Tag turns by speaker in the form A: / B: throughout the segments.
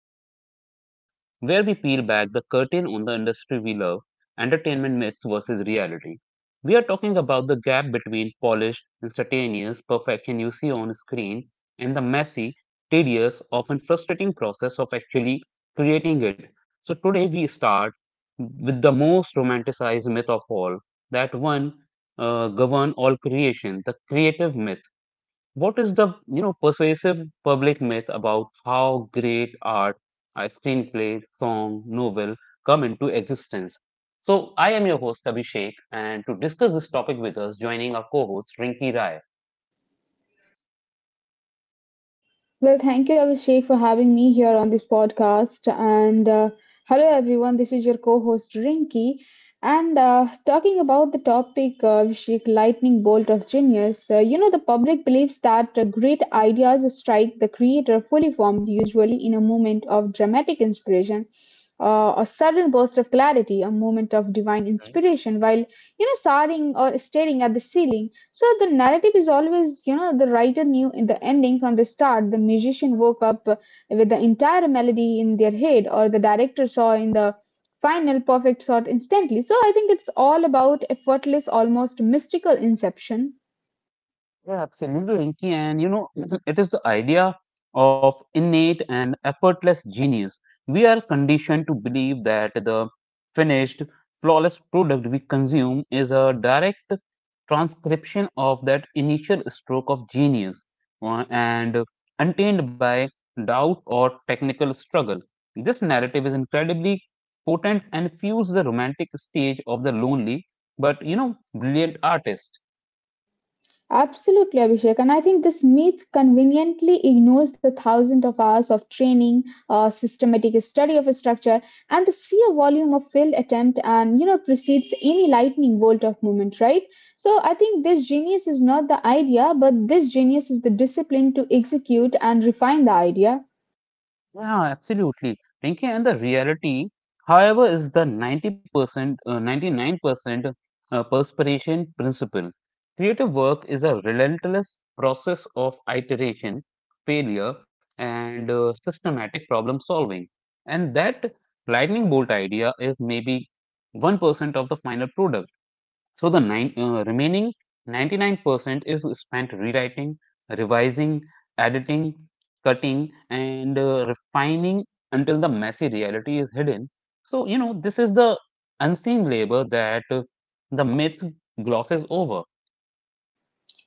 A: seven-part series where we peel back the curtain on the industry we love, entertainment myths versus reality. We are talking about the gap between polished, instantaneous perfection you see on screen and the messy, tedious, often frustrating process of actually creating it. So today we start with the most romanticized myth of all, that one govern all creation, the creative myth. What is the, persuasive public myth about how great art, a screenplay, song, novel come into existence? So I am your host Abhishek, and to discuss this topic with us, joining our co-host Rinki Rai.
B: Well, thank you, Abhishek, for having me here on this podcast. And Hello, everyone. This is your co host, Rinki. And Talking about the topic, Abhishek, lightning bolt of genius, the public believes that great ideas strike the creator fully formed, usually in a moment of dramatic inspiration. A sudden burst of clarity, a moment of divine inspiration, while soaring or staring at the ceiling. So the narrative is always, the writer knew in the ending from the start. The musician woke up with the entire melody in their head, or the director saw in the final perfect shot instantly. So I think it's all about effortless, almost mystical inception.
A: Yeah, absolutely, Rinki. And you know, it is the idea of innate and effortless genius. We are conditioned to believe that the finished, flawless product we consume is a direct transcription of that initial stroke of genius, and untainted by doubt or technical struggle. This narrative is incredibly potent and fuels the romantic stage of the lonely but you know brilliant artist.
B: Absolutely, Abhishek. And I think this myth conveniently ignores the thousands of hours of training, systematic study of a structure, and the sheer volume of failed attempt and, precedes any lightning bolt of movement, right? So I think this genius is not the idea, but this genius is the discipline to execute and refine the idea.
A: Yeah, absolutely. Pinky and the reality, however, is the 90%, 99% perspiration principle. Creative work is a relentless process of iteration, failure, and systematic problem solving. And that lightning bolt idea is maybe 1% of the final product. So the remaining 99% is spent rewriting, revising, editing, cutting, and refining until the messy reality is hidden. So, you know, this is the unseen labor that the myth glosses over.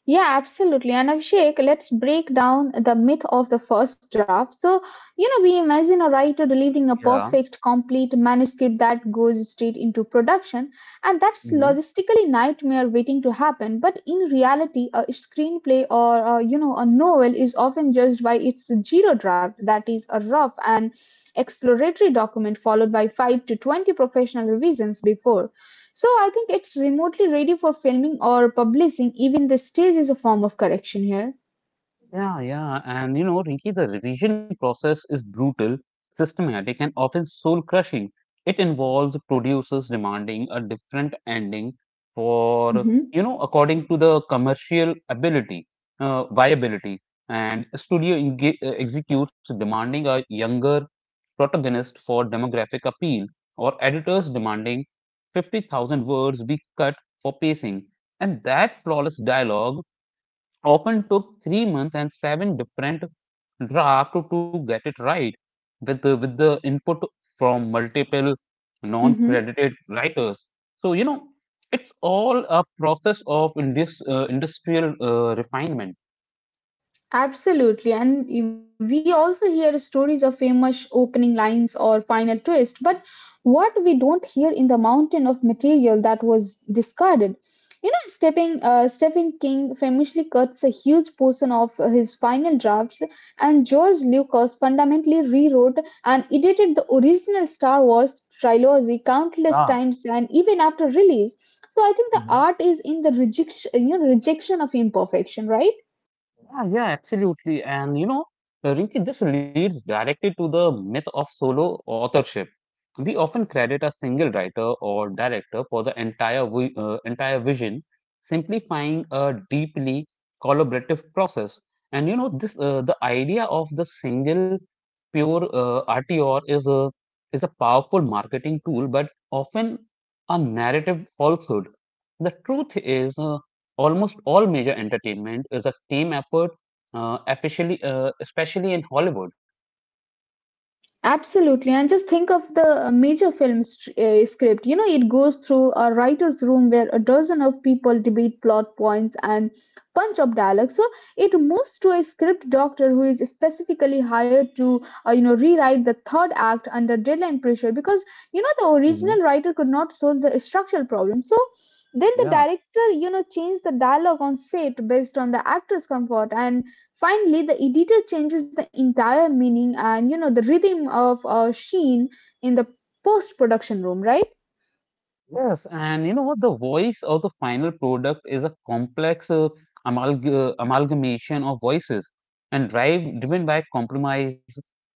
B: Yeah, absolutely. And Abhishek, let's break down the myth of the first draft. So, we imagine a writer delivering a
A: Yeah.
B: perfect, complete manuscript that goes straight into production, and that's
A: Mm-hmm.
B: logistically nightmare waiting to happen. But in reality, a screenplay or a, a novel is often judged by its zero draft, that is a rough and exploratory document followed by 5 to 20 professional revisions before. So I think it's remotely ready for filming or publishing. Even the stage is a form of correction here.
A: Yeah, yeah. And you know, Rinki, the revision process is brutal, systematic, and often soul crushing. It involves producers demanding a different ending for,
B: Mm-hmm.
A: you know, according to the commercial viability. And executes demanding a younger protagonist for demographic appeal, or editors demanding 50,000 words be cut for pacing. And that flawless dialogue often took 3 months and seven different drafts to get it right, with with the input from multiple non-credited writers. So you know, it's all a process of industrial refinement.
B: Absolutely, and we also hear stories of famous opening lines or final twist, but what we don't hear in the mountain of material that was discarded. You know, Stephen King famously cuts a huge portion of his final drafts, and George Lucas fundamentally rewrote and edited the original Star Wars trilogy countless
A: Yeah.
B: times, and even after release. So I think the art is in the rejection, you know, rejection of imperfection, right?
A: Yeah, yeah, absolutely. And you know, Rinki, this leads directly to the myth of solo authorship. We often credit a single writer or director for the entire vision, simplifying a deeply collaborative process. And you know, this the idea of the single pure RTR is a powerful marketing tool, but often a narrative falsehood. The truth is, almost all major entertainment is a team effort, especially in Hollywood.
B: Absolutely, and just think of the major film script. You know, it goes through a writer's room where a dozen of people debate plot points and punch up dialogue. So it moves to a script doctor who is specifically hired to, rewrite the third act under deadline pressure because the
A: Mhm.
B: original writer could not solve the structural problem. So then the
A: Yeah.
B: director, changed the dialogue on set based on the actor's comfort. And finally, the editor changes the entire meaning and the rhythm of Sheen in the post production room, right?
A: Yes, and you know what? The voice of the final product is a complex amalgamation of voices and driven by compromise,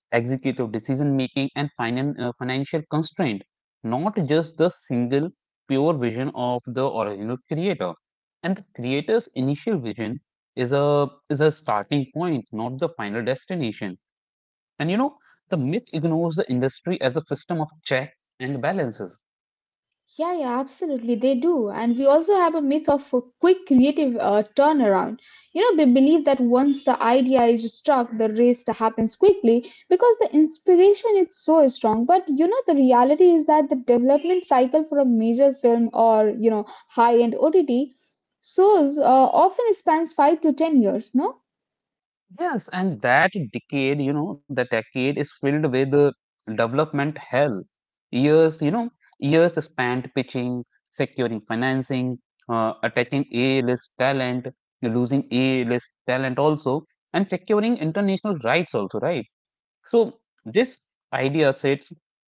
A: executive decision making, and financial constraint, not just the single pure vision of the original creator. And the creator's initial vision is a starting point, not the final destination. And you know, the myth ignores the industry as a system of checks and balances.
B: Yeah, yeah, absolutely, they do. And we also have a myth of a quick creative turnaround. You know, we believe that once the idea is struck, the rest happens quickly because the inspiration is so strong. But the reality is that the development cycle for a major film or high-end OTT shows often spans 5 to 10 years. No.
A: Yes, and that decade, you know, the decade is filled with development hell. Years, you know, years spent pitching, securing financing, attacking A-list talent, losing A-list talent also, and securing international rights also, right? So this idea sets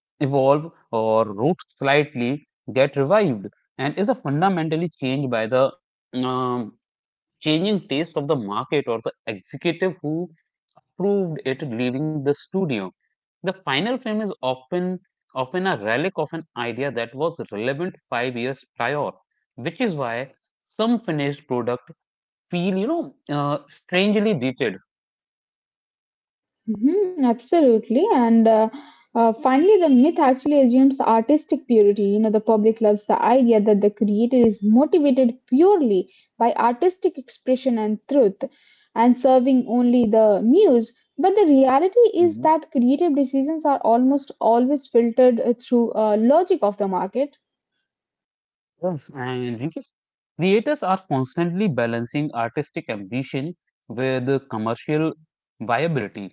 A: evolve or root slightly, get revived, and is a fundamentally changed by the um, changing taste of the market or the executive who approved it leaving the studio. The final film is often a relic of an idea that was relevant 5 years prior, which is why some finished product feel you know strangely dated.
B: Mhm, absolutely. And finally, the myth actually assumes artistic purity. You know, the public loves the idea that the creator is motivated purely by artistic expression and truth and serving only the muse. But the reality is
A: Mhm.
B: that creative decisions are almost always filtered through logic of the market.
A: Yes, and Rinkesh, creators are constantly balancing artistic ambition with the commercial viability.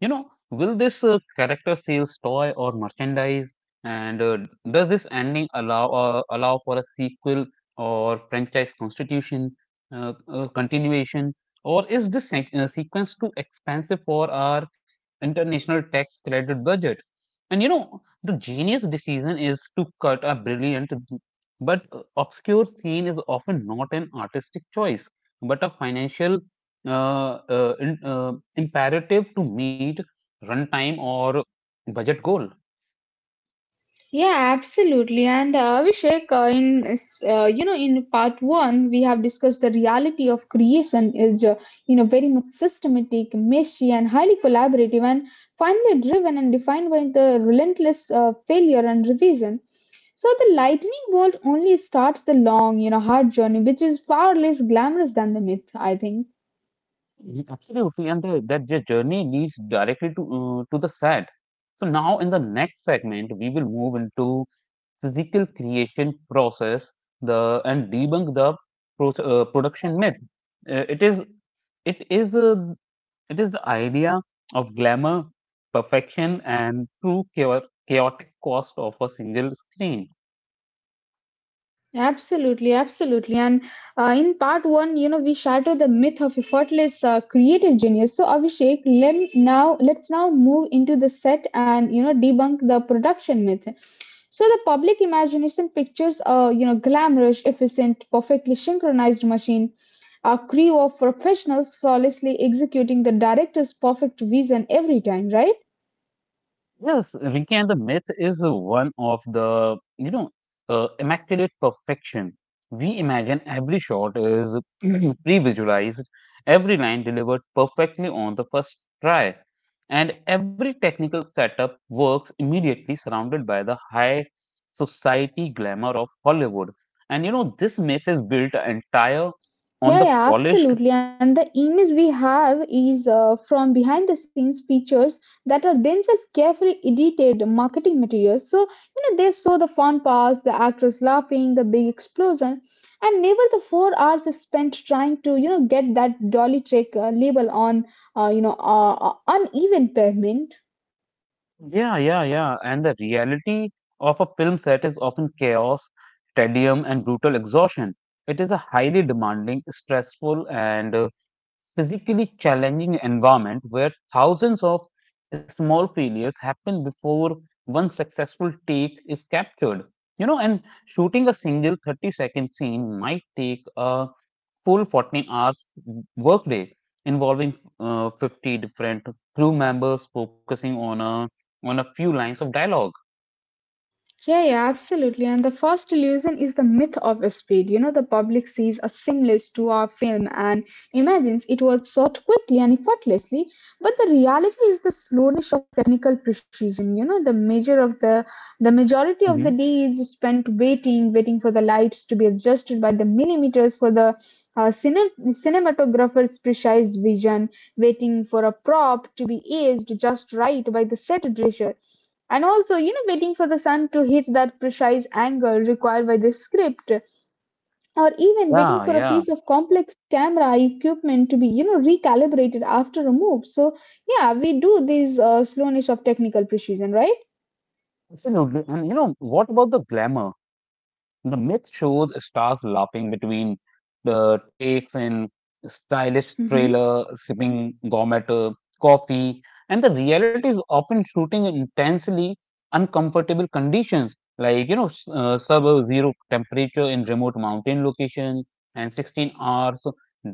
A: You know, will this character sales toy or merchandise? And does this ending allow for a sequel or franchise constitution continuation? Or is this sequence too expensive for our international tax credit budget? And you know, the genius decision is to cut a brilliant but obscure scene is often not an artistic choice, but a financial uh, imperative to meet runtime or budget goal.
B: Yeah, absolutely. And Abhishek, in part one, we have discussed the reality of creation is very much systematic, messy, and highly collaborative, and finally driven and defined by the relentless failure and revision. So the lightning bolt only starts the long, hard journey, which is far less glamorous than the myth, I think.
A: Mhm. Absolutely, and the journey leads directly to the set. So now in the next segment, we will move into physical creation process the and debunk the production myth. Uh, it is it is a, it is the idea of glamour, perfection, and chaotic cost of a single screen.
B: Absolutely, absolutely. And in part one, we shattered the myth of effortless creative genius. So, Abhishek, let's now move into the set and debunk the production myth. So, the public imagination pictures a glamorous, efficient, perfectly synchronized machine, a crew of professionals flawlessly executing the director's perfect vision every time, right?
A: Yes, Rinki, and the myth is one of the, immaculate perfection. We imagine every shot is pre-visualized, every line delivered perfectly on the first try, and every technical setup works immediately surrounded by the high society glamour of Hollywood. And you know, this myth is built entire on the
B: Yeah, yeah,
A: polished.
B: absolutely. And the image we have is from behind the scenes features that are themselves carefully edited marketing materials. So, they show the fun parts, the actors laughing, the big explosion, and never the 4 hours is spent trying to, get that dolly trick label on, uh, you know, uh, uh, uneven pavement.
A: Yeah, yeah, yeah. And the reality of a film set is often chaos, tedium, and brutal exhaustion. It is a highly demanding, stressful, and physically challenging environment where thousands of small failures happen before one successful take is captured. You know, and shooting a single 30-second scene might take a full 14 hours workday involving 50 different crew members focusing on a few lines of dialog.
B: Yeah, yeah, absolutely. And the first illusion is the myth of speed. You know, the public sees a seamless 2 hour film and imagines it was shot quickly and effortlessly. But the reality is the slowness of technical precision. You know, the measure of the majority of the
A: Hmm.
B: day is spent waiting, waiting for the lights to be adjusted by the millimeters for the cinematographer's precise vision, waiting for a prop to be aged just right by the set dresser and also waiting for the sun to hit that precise angle required by the script or even waiting for
A: Yeah,
B: a piece
A: yeah,
B: of complex camera equipment to be recalibrated after a move. So, yeah, we do this slowness of technical precision, right?
A: absolutely. And you know, what about the glamour? The myth shows stars laughing between the takes in stylish
B: Hmm.
A: trailer, sipping gourmet coffee, and the reality is often shooting in intensely uncomfortable conditions like you know sub-zero temperature in remote mountain location and 16 hours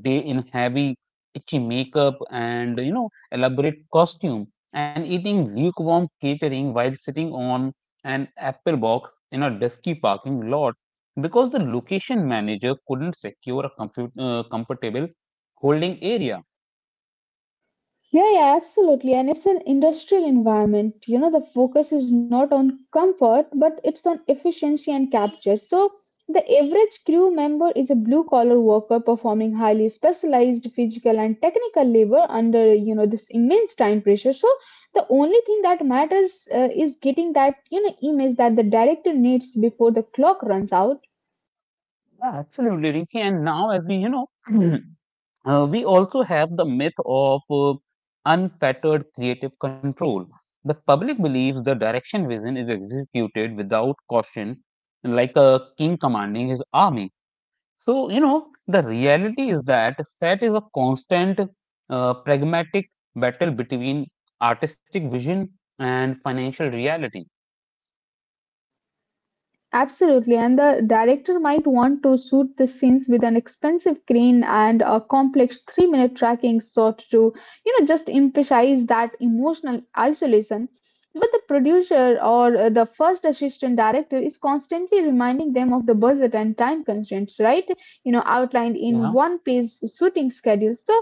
A: day in heavy itchy makeup and you know elaborate costume and eating lukewarm catering while sitting on an apple box in a dusky parking lot because the location manager couldn't secure a comfortable holding area.
B: Yeah, yeah, absolutely. And it's an industrial environment. You know, the focus is not on comfort, but it's on efficiency and capture. So, the average crew member is a blue collar worker performing highly specialized physical and technical labor under, this immense time pressure. So, the only thing that matters is getting that, image that the director needs before the clock runs out.
A: Yeah, absolutely, Rinki. And now, as we you know, we also have the myth of unfettered creative control. The public believes the direction vision is executed without caution, like a king commanding his army. So, you know, the reality is that set is a constant, pragmatic battle between artistic vision and financial reality.
B: Absolutely, and the director might want to suit the scenes with an expensive crane and a complex 3-minute tracking shot to, just emphasize that emotional isolation. But the producer or the first assistant director is constantly reminding them of the budget and time constraints, right? You know, outlined in
A: Yeah,
B: one-page shooting schedule. So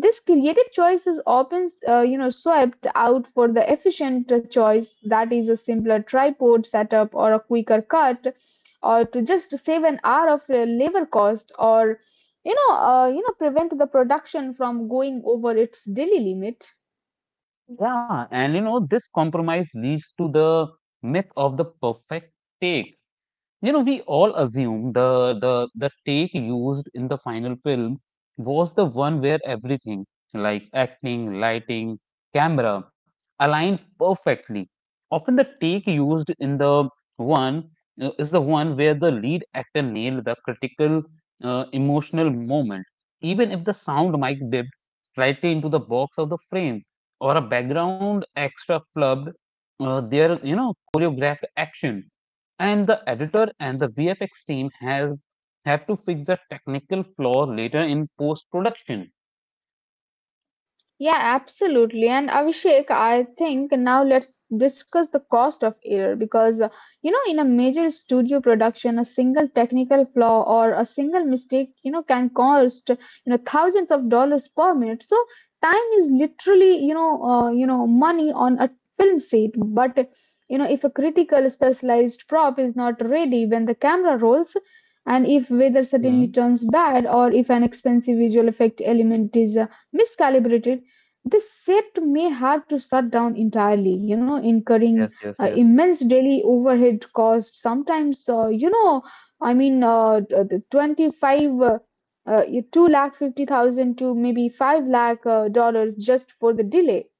B: this creative choice is often, swept out for the efficient choice that is a simpler tripod setup or a quicker cut, or to just save an hour of labor cost, or prevent the production from going over its daily limit.
A: yeah, and you know, this compromise leads to the myth of the perfect take. You know, we all assume the take used in the final film was the one where everything, like acting, lighting, camera, aligned perfectly. Often the take used in the one is the one where the lead actor nailed the critical emotional moment, even if the sound mic dipped slightly into the box of the frame or a background extra flubbed their you know choreographed action, and the editor and the VFX team has have to fix the technical flaw later in post production.
B: Yeah, absolutely. And Abhishek, I think now let's discuss the cost of error because, in a major studio production, a single technical flaw or a single mistake, can cost, thousands of dollars per minute. So time is literally, money on a film set. But, if a critical specialized prop is not ready when the camera rolls, and if weather suddenly
A: Mhm.
B: turns bad or if an expensive visual effect element is miscalibrated, the set may have to shut down entirely, incurring
A: Yes, yes, yes.
B: immense daily overhead costs. Sometimes, I mean, the 25, uh, 2 lakh 50,000 to maybe 5 lakh dollars just for the delay.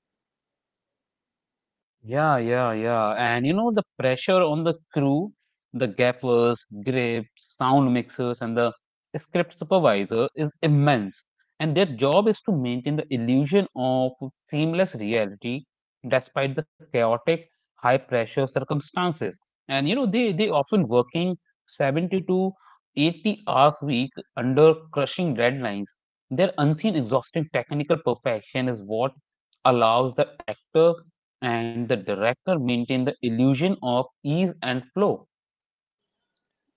A: Yeah, yeah, yeah. And you know, the pressure on the crew, the gaffers, grips, sound mixers, and the script supervisor is immense. And their job is to maintain the illusion of seamless reality despite the chaotic, high pressure circumstances. And you know, they often working 70 to 80 hours a week under crushing deadlines. Their unseen, exhausting technical perfection is what allows the actor and the director maintained the illusion of ease and flow.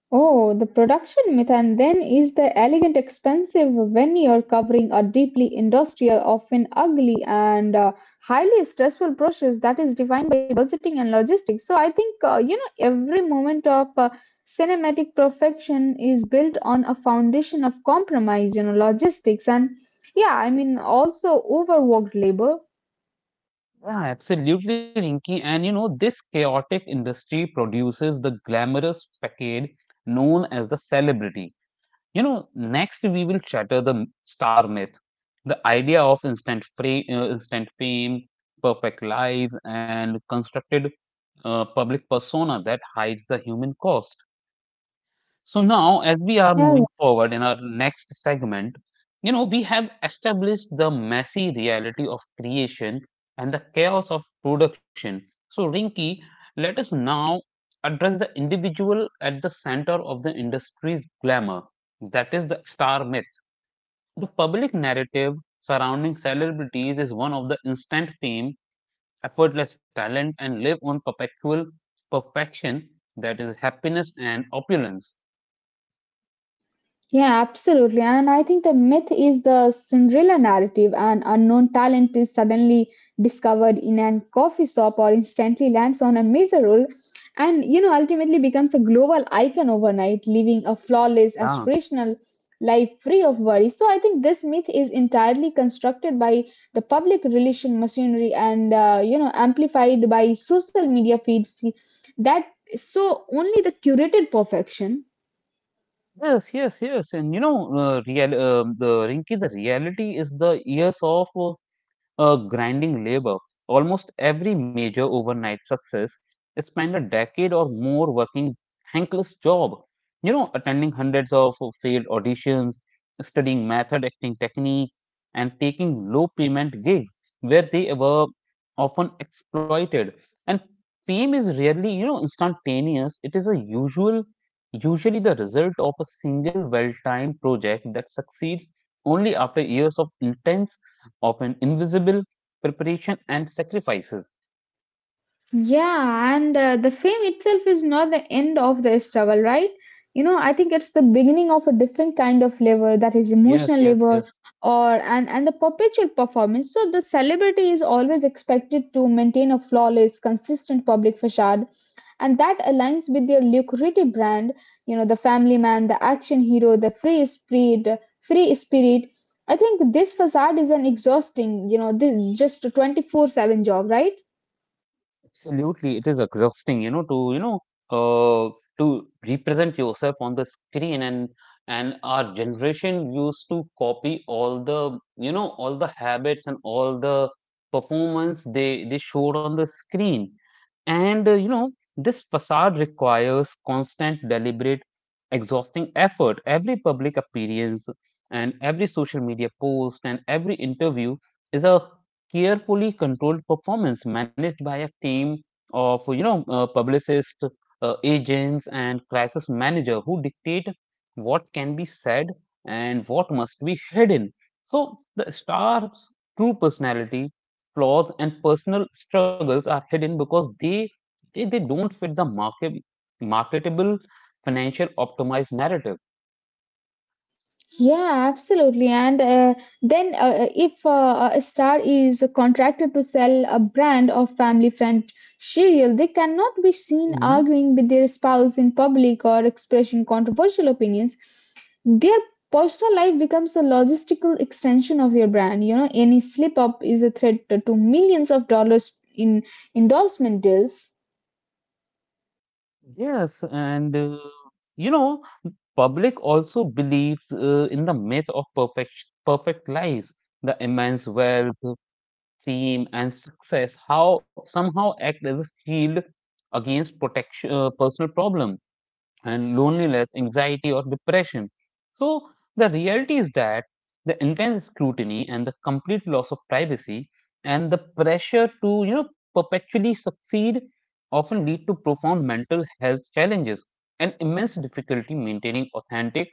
B: Oh, the production method then is the elegant expensive when you're covering a deeply industrial, often ugly and highly stressful process that is defined by budgeting and logistics. So I think every moment of cinematic perfection is built on a foundation of compromise, logistics and yeah, I mean also overworked labor.
A: Yeah, absolutely, Rinky. And you know, this chaotic industry produces the glamorous facade known as the celebrity. You know, next we will shatter the star myth, the idea of instant fame, perfect lives, and constructed public persona that hides the human cost. So now, as we are moving
B: Yeah,
A: forward in our next segment, you know, we have established the messy reality of creation and the chaos of production. So, Rinki, let us now address the individual at the center of the industry's glamour. That is the star myth. The public narrative surrounding celebrities is one of the instant fame, effortless talent, and live on perpetual perfection that is happiness and opulence.
B: yeah, absolutely. And I think the myth is the Cinderella narrative, an unknown talent is suddenly discovered in a coffee shop or instantly lands on a major role and ultimately becomes a global icon overnight, living a flawless,
A: Yeah.
B: aspirational life free of worry. So I think this myth is entirely constructed by the public relation machinery and amplified by social media feeds that so only the curated perfection.
A: Yes, yes, yes, and you know, real the Rinki, the reality is the years of a grinding labor. Almost every major overnight success spent a decade or more working thankless job. You know, attending hundreds of failed auditions, studying method acting technique, and taking low payment gigs where they were often exploited. And fame is rarely, you know, instantaneous. It is a usually the result of a single well-timed project that succeeds only after years of intense of an invisible, preparation and sacrifices.
B: Yeah, and the fame itself is not the end of the struggle, right? You know, I think it's the beginning of a different kind of labor that is emotional
A: Yes, yes,
B: labor
A: yes.
B: or and the perpetual performance. So the celebrity is always expected to maintain a flawless, consistent public facade and that aligns with their lucrative brand, you know, the family man, the action hero, the free spirit. I think this facade is an exhausting, this just a 24/7 job, right?
A: Absolutely, it is exhausting, you know, to uh, to represent yourself on the screen, and our generation used to copy all the you know all the habits and all the performance they showed on the screen, and you know this facade requires constant, deliberate, exhausting effort. Every public appearance and every social media post and every interview is a carefully controlled performance managed by a team of publicists, agents and crisis manager who dictate what can be said and what must be hidden. So the star's true personality, flaws and personal struggles are hidden because they don't fit the marketable financial optimized narrative.
B: Yeah, absolutely. And then if a star is contracted to sell a brand of family friend cereal, they cannot be seen
A: Mhm.
B: arguing with their spouse in public or expressing controversial opinions. Their personal life becomes a logistical extension of their brand. You know, any slip up is a threat to millions of dollars in endorsement deals.
A: Yes, and you know public also believes, in the myth of perfect lives. The immense wealth, fame and success how somehow act as a shield against protection, personal problems and loneliness, anxiety, or depression. So, the reality is that the intense scrutiny and the complete loss of privacy and the pressure to perpetually succeed often lead to profound mental health challenges and immense difficulty maintaining authentic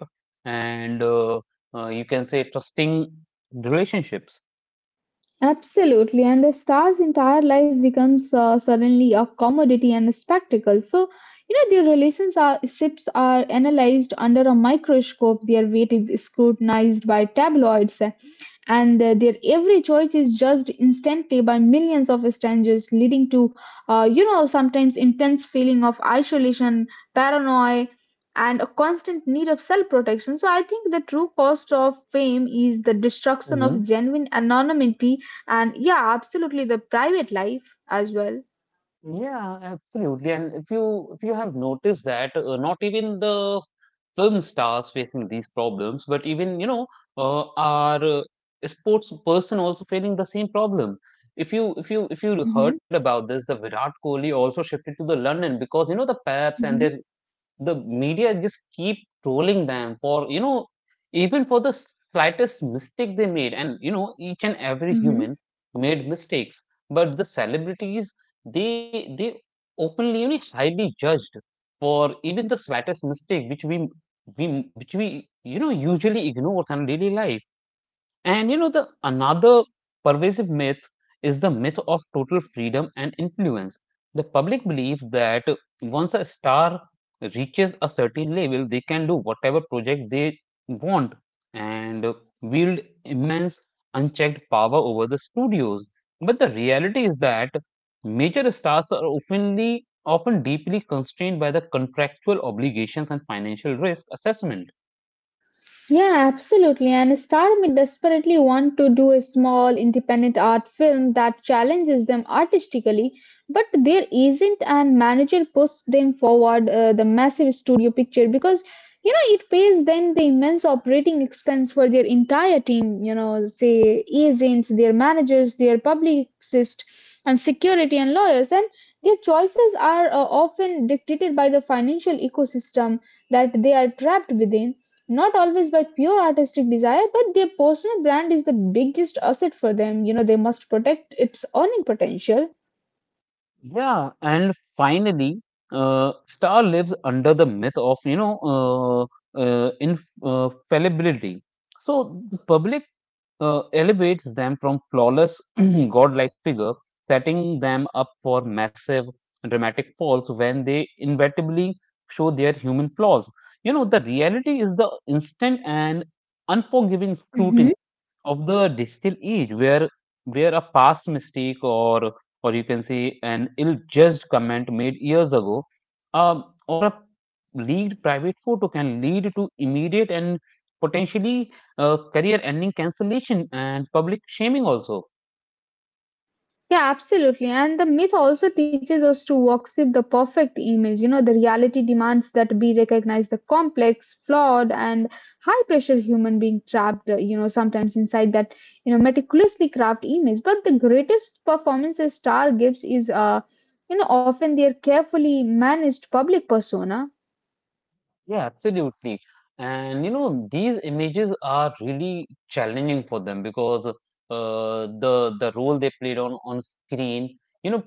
A: and you can say trusting relationships.
B: Absolutely, and the star's entire life becomes suddenly a commodity and a spectacle. So, you know, their relationships are analyzed under a microscope, their weight is scrutinized by tabloids, and their every choice is judged instantly by millions of strangers, leading to sometimes intense feeling of isolation, paranoia, and a constant need of self protection. So I think the true cost of fame is the destruction
A: Mhm.
B: of genuine anonymity, and yeah, absolutely, the private life as well.
A: Yeah, absolutely. And if you have noticed that not even the film stars facing these problems, but even you know our sports person also facing the same problem. If you heard
B: Hmm.
A: about this, the Virat Kohli also shifted to the London because you know the Paps and their, the media just keep trolling them for you know even for the slightest mistake they made, and you know each and every
B: Hmm.
A: human made mistakes, but the celebrities they openly you know highly judged for even the slightest mistake which we we you know usually ignore in daily life. And you know, the another pervasive myth is the myth of total freedom and influence. The public believes that once a star reaches a certain level, they can do whatever project they want and wield immense unchecked power over the studios. But the reality is that major stars are often deeply constrained by the contractual obligations and financial risk assessment.
B: Yeah, absolutely. And a star may desperately want to do a small independent art film that challenges them artistically, but there isn't, and manager pushes them forward the massive studio picture because you know it pays them the immense operating expense for their entire team. You know, say agents, their managers, their publicists, and security and lawyers, and their choices are often dictated by the financial ecosystem that they are trapped within, not always by pure artistic desire, but their personal brand is the biggest asset for them. You know, they must protect its earning potential.
A: Yeah, and finally, Star lives under the myth of fallibility. So the public, elevates them from flawless godlike figure, setting them up for massive dramatic falls when they inevitably show their human flaws. You know, the reality is the instant and unforgiving
B: Hmm.
A: scrutiny of the digital age where a past mistake or you can say an ill-judged comment made years ago, or a leaked private photo can lead to immediate and potentially career-ending cancellation and public shaming also.
B: Yeah, absolutely. And the myth also teaches us to worship the perfect image. You know, the reality demands that we recognize the complex, flawed, and high pressure human being trapped, you know, sometimes inside that, you know, meticulously crafted image. But the greatest performance a star gives is, you know, often their carefully managed public persona.
A: Yeah, absolutely. And you know these images are really challenging for them because the role they played on screen, you know,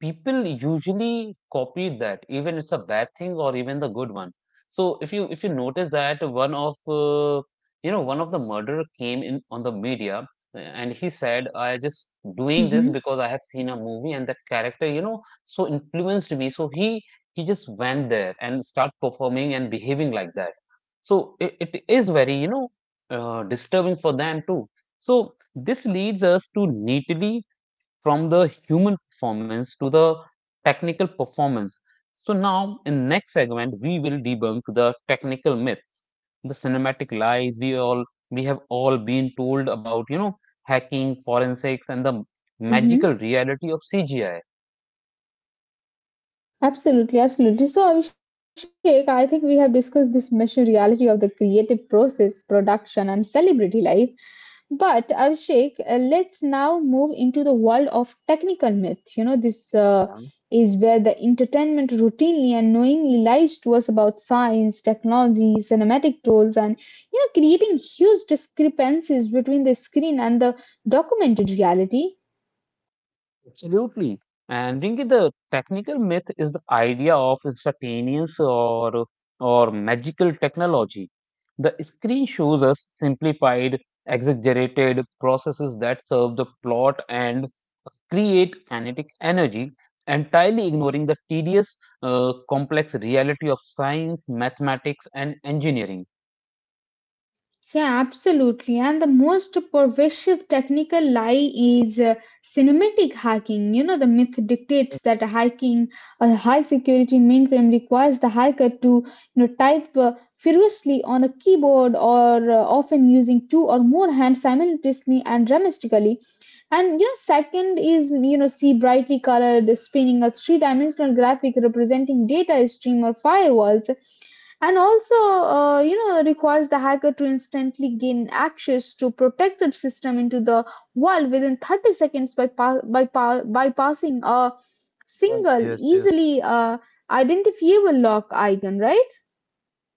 A: people usually copy that, even it's a bad thing or even the good one. So if you notice that, one of uh, one of the murderer came in on the media, and he said, I just doing
B: Hmm.
A: this because I have seen a movie and that character you know so influenced me, so he just went there and start performing and behaving like that. So it is very you know disturbing for them too. So this leads us to neatly from the human performance to the technical performance. So now in next segment we will debunk the technical myths, the cinematic lies we all, we have all been told about, you know, hacking, forensics and the
B: Hmm.
A: magical reality of CGI.
B: Absolutely, absolutely. So, Abhishek, I think we have discussed this messy reality of the creative process, production, and celebrity life. But, Abhishek, let's now move into the world of technical myth. You know, this
A: Yeah.
B: is where the entertainment routinely and knowingly lies to us about science, technology, cinematic tools, and, you know, creating huge discrepancies between the screen and the documented reality.
A: Absolutely. And Rinki, the technical myth is the idea of instantaneous or magical technology. The screen shows us simplified, exaggerated processes that serve the plot and create kinetic energy, entirely ignoring the tedious, uh, complex reality of science, mathematics, and engineering.
B: Yeah, absolutely. And the most pervasive technical lie is cinematic hacking. You know, the myth dictates that hacking a high security mainframe requires the hacker to, you know, type furiously on a keyboard, or often using two or more hands simultaneously and dramatically. And you know, second is, you know, see brightly colored spinning a three-dimensional graphic representing data stream or firewalls, and also you know requires the hacker to instantly gain access to protected system into the world within 30 seconds by bypassing a
A: Yes,
B: single
A: yes, yes.
B: easily identifiable lock icon, right?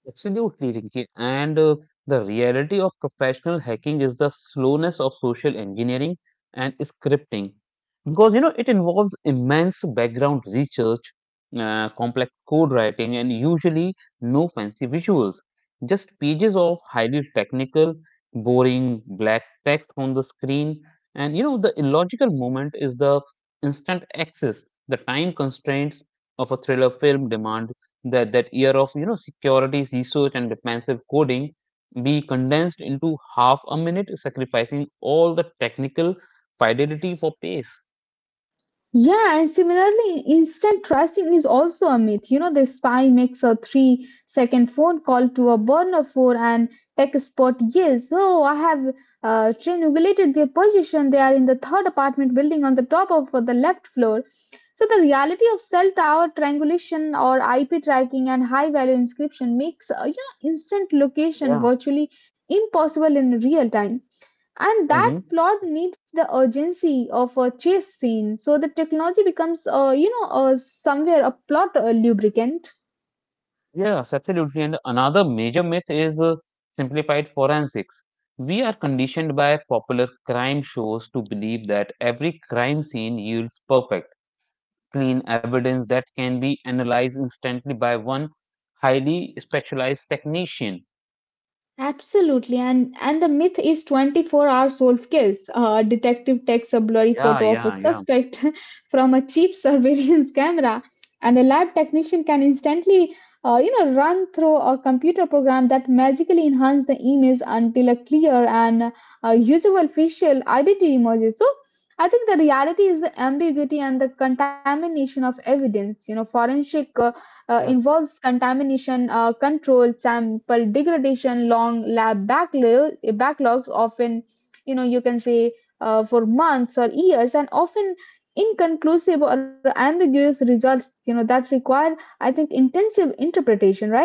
A: Absolutely, Rinki. And the reality of professional hacking is the slowness of social engineering and scripting. Because, you know, it involves immense background research, complex code writing, and usually no fancy visuals. Just pages of highly technical, boring, black text on the screen. And, you know, the illogical moment is the instant access, the time constraints of a thriller film demand that year of you know securities research and defensive coding be condensed into half a minute, sacrificing all the technical fidelity for pace.
B: Yeah, and similarly, instant tracing is also a myth. You know, the spy makes a 3 second phone call to a burner for an tech spot. Yes, oh, I have triangulated their position. They are in the third apartment building on the top of the left floor. So, the reality of cell tower triangulation or IP tracking and high value inscription makes, you know, instant location
A: Yeah.
B: virtually impossible in real time, and that
A: Hmm.
B: plot needs the urgency of a chase scene. So the technology becomes, you know, somewhere a plot lubricant.
A: Yes, absolutely. And another major myth is simplified forensics. We are conditioned by popular crime shows to believe that every crime scene yields perfect, clean evidence that can be analyzed instantly by one highly specialized technician.
B: Absolutely, and the myth is 24-hour solve case. A detective takes a blurry
A: Yeah,
B: photo of a
A: yeah, yeah.
B: suspect from a cheap surveillance camera, and a lab technician can instantly, you know, run through a computer program that magically enhances the image until a clear and usable facial identity emerges. So, I think the reality is the ambiguity and the contamination of evidence. You know, forensic
A: Yes.
B: involves contamination control, sample degradation, long backlogs, often, you know, you can say for months or years, and often inconclusive or ambiguous results, you know, that require, I think, intensive interpretation, right?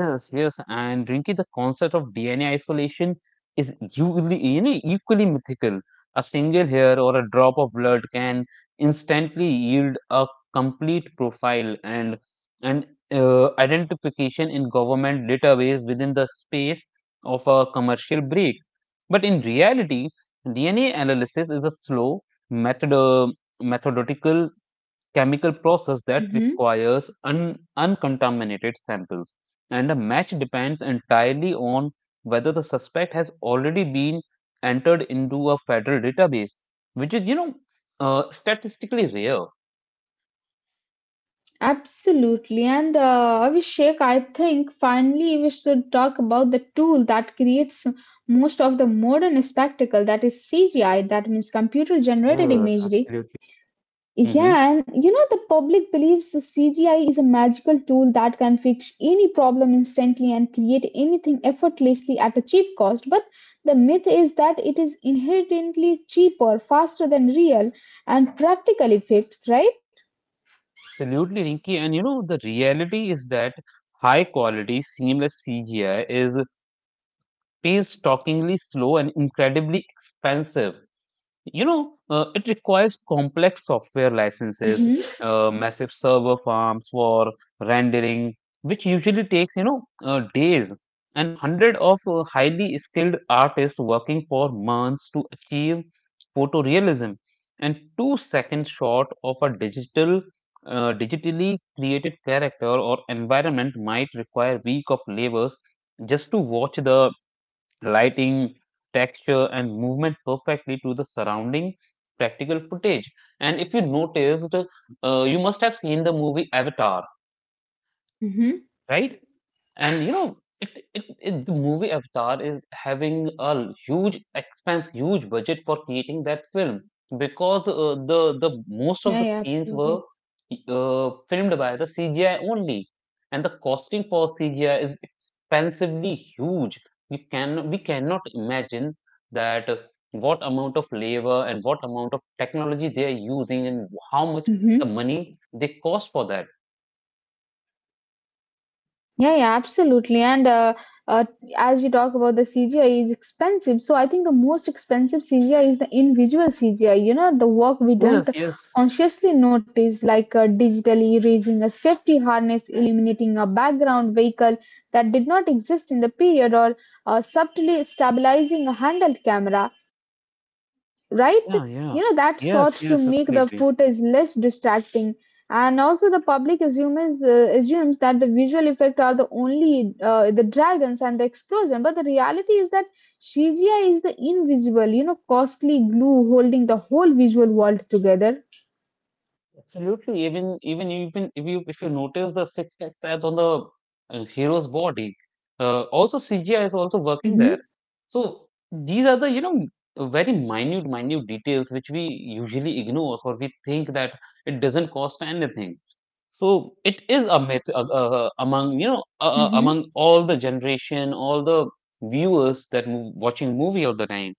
A: Yes, yes, and Rinki, the concept of DNA isolation is equally, you know, equally mythical. A single hair or a drop of blood can instantly yield a complete profile and and identification in government database within the space of a commercial break. But in reality, DNA analysis is a slow method, uh, methodical chemical process that
B: Hmm.
A: requires uncontaminated samples, and a match depends entirely on whether the suspect has already been entered into a federal database, which is, you know, statistically rare.
B: Absolutely. And Abhishek, I think finally we should talk about the tool that creates most of the modern spectacle, that is CGI, that means computer generated
A: Yes,
B: imagery.
A: absolutely. Mm-hmm.
B: Yeah, and you know, the public believes the CGI is a magical tool that can fix any problem instantly and create anything effortlessly at a cheap cost. But the myth is that it is inherently cheaper, faster than real and practical effects, right?
A: Absolutely, Rinki. And you know, the reality is that high quality, seamless CGI is painstakingly slow and incredibly expensive. You know, it requires complex software licenses,
B: Mm-hmm.
A: massive server farms for rendering, which usually takes, you know, days, and hundred of highly skilled artists working for months to achieve photorealism, and two-second shot of a digital, digitally created character or environment might require week of labors just to watch the lighting, texture, and movement perfectly to the surrounding practical footage. And if you noticed, you must have seen the movie Avatar,
B: Mm-hmm.
A: right? And you know, it the movie Avatar is having a huge expense, huge budget for creating that film because the most of
B: Yeah,
A: the
B: yeah,
A: scenes
B: absolutely.
A: were filmed by the CGI only, and the costing for CGI is expensively huge. We can, we cannot imagine that what amount of labor and what amount of technology they are using and how much the
B: Hmm.
A: money they cost for that.
B: Yeah, yeah, absolutely. And uh, as you talk about the CGI is expensive, so I think the most expensive CGI is the invisible CGI. You know, the work we don't
A: Yes, yes.
B: consciously notice, like digitally erasing a safety harness, eliminating a background vehicle that did not exist in the period, or subtly stabilizing a handheld camera, right?
A: Yeah,
B: You
A: yeah.
B: know, that
A: Yes,
B: sorts to
A: yes,
B: make the
A: absolutely.
B: footage less distracting. And also, the public assumes that the visual effect are the only the dragons and the explosion, but the reality is that CGI is the invisible, you know, costly glue holding the whole visual world together.
A: Absolutely. Even if you notice the six tabs on the hero's body, also CGI is also working there.
B: Mm-hmm.
A: So these are the you know very minute details which we usually ignore, or we think that it doesn't cost anything. So it is a myth among
B: Mm-hmm.
A: among all the generation, all the viewers that move, watching movie all the time.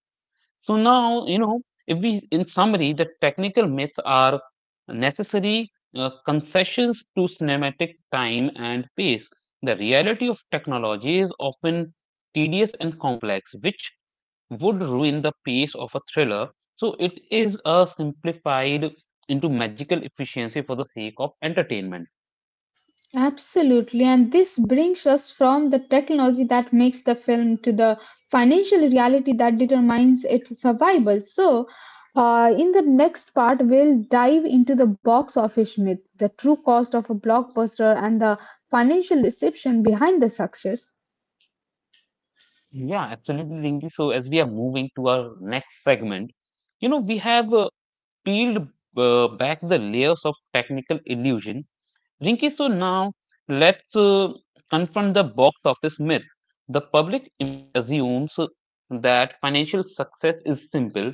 A: So now, you know, if we, in summary, the technical myths are necessary concessions to cinematic time and pace. The reality of technology is often tedious and complex, which would ruin the pace of a thriller. So it is a simplified into magical efficiency for the sake of entertainment.
B: Absolutely, and this brings us from the technology that makes the film to the financial reality that determines its survival. So, in the next part, we'll dive into the box office myth, the true cost of a blockbuster, and the financial deception behind the success.
A: Yeah, absolutely, Rinki. So as we are moving to our next segment, you know, we have peeled back the layers of technical illusion, Rinki, so now let's, confront the box office myth. The public assumes that financial success is simple.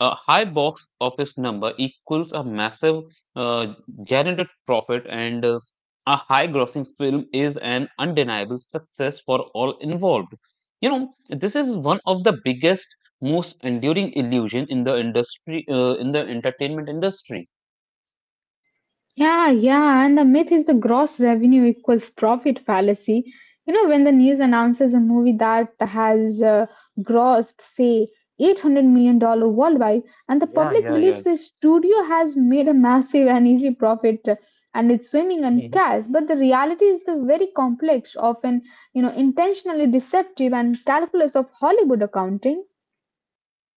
A: A high box office number equals a massive uh, guaranteed profit, and a high grossing film is an undeniable success for all involved. You know, this is one of the biggest, most enduring illusion in the industry, in the entertainment industry.
B: Yeah, yeah, and the myth is the gross revenue equals profit fallacy. You know, when the news announces a movie that has grossed, say, $800 million dollars worldwide, and the
A: Yeah,
B: public
A: yeah,
B: believes
A: yeah.
B: the studio has made a massive and easy profit and it's swimming in cash, but the reality is the very complex, often, you know, intentionally deceptive and calculus of Hollywood accounting.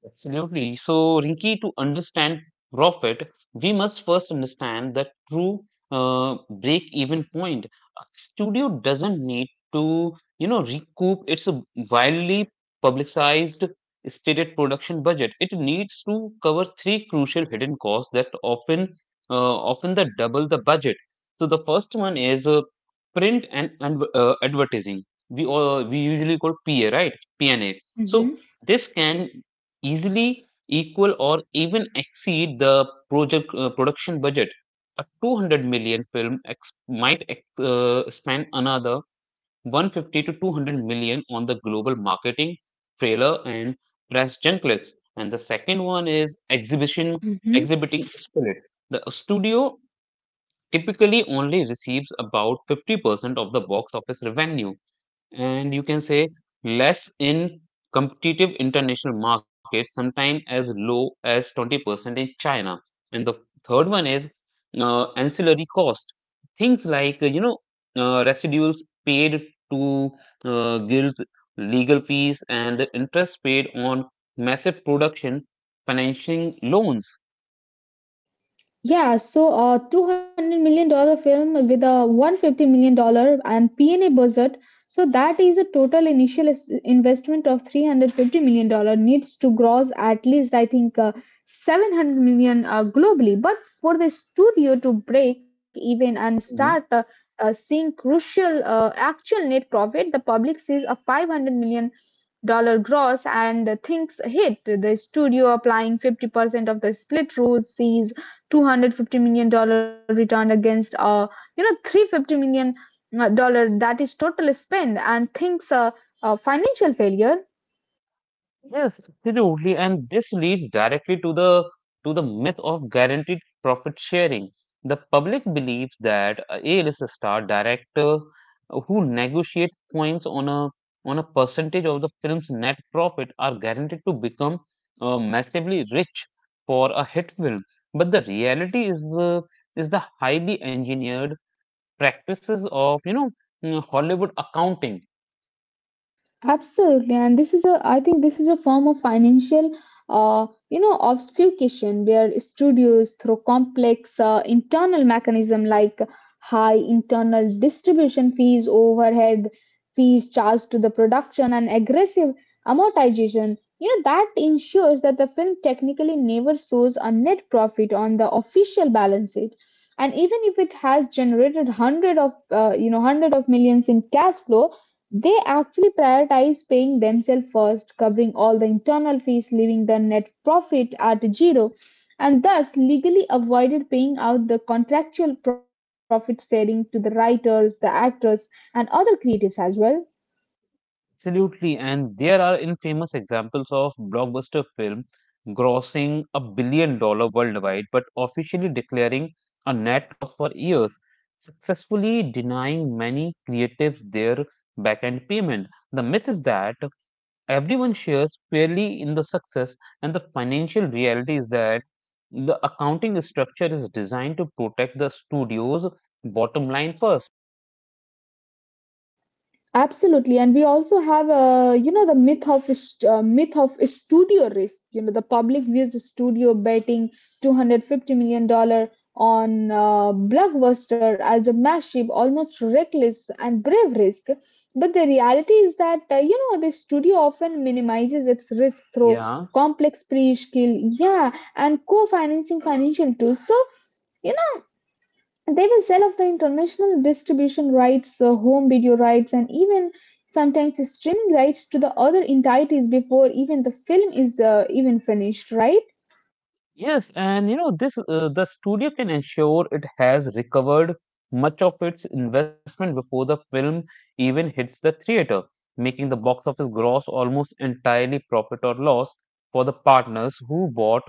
A: Absolutely. So, Rinki, to understand profit, we must first understand the true break-even point. A studio doesn't need to, you know, recoup its widely publicized stated production budget. It needs to cover three crucial hidden costs that often, often the double the budget. So, the first one is print and advertising. We all, we usually call PA, right? PNA.
B: Hmm.
A: So, this can easily equal or even exceed the project production budget. A 200 million film might spend another 150 to 200 million on the global marketing, trailer, and press junklets. And the second one is exhibition, exhibiting spirit. The studio typically only receives about 50% of the box office revenue, and you can say less in competitive international markets, sometimes as low as 20% in China. And the third one is ancillary cost. Things like, you know, residuals paid to guilds, legal fees, and the interest paid on massive production financing loans.
B: Yeah, so a $200 million dollar film with a $150 million dollar and P&A budget, so that is a total initial investment of $350 million dollar needs to gross at least, I think, 700 million globally. But for the studio to break even and start seeing crucial actual net profit, the public sees a 500 million dollar gross and things hit. The studio applying 50% of the split rule sees 250 million dollar return against, you know, 350 million dollar that is total spend, and thinks a financial failure.
A: Yes, absolutely. And this leads directly to the myth of guaranteed profit sharing. The public believes that a A-list star director who negotiates points on a percentage of the film's net profit are guaranteed to become massively rich for a hit film. But the reality is the highly engineered practices of Hollywood accounting.
B: Absolutely, and this is a, I think this is a form of financial you know obfuscation where studios through complex internal mechanism like high internal distribution fees, overhead fees charged to the production, and aggressive amortization. You know that ensures that the film technically never shows a net profit on the official balance sheet, and even if it has generated hundred of, you know, hundred of millions in cash flow, they actually prioritize paying themselves first, covering all the internal fees, leaving the net profit at zero, and thus legally avoided paying out the contractual profit sharing to the writers, the actors, and other creatives as well.
A: Absolutely, and there are infamous examples of blockbuster film grossing a billion dollars worldwide, but officially declaring a net loss for years, successfully denying many creatives their back-end payment. The myth is that everyone shares fairly in the success, and the financial reality is that the accounting structure is designed to protect the studio's bottom line first.
B: Absolutely, and we also have, you know, the myth of a studio risk. You know the public views the studio betting 250 million dollar on blockbuster as a massive, almost reckless and brave risk. But the reality is that, you know, the studio often minimizes its risk through
A: Yeah.
B: complex pre-skill, yeah, and co-financing financial tools. So they will sell off the international distribution rights, home video rights, and even sometimes streaming rights to the other entities before even the film is even finished, right?
A: Yes, and you know this, the studio can ensure it has recovered much of its investment before the film even hits the theater, making the box office gross almost entirely profit or loss for the partners who bought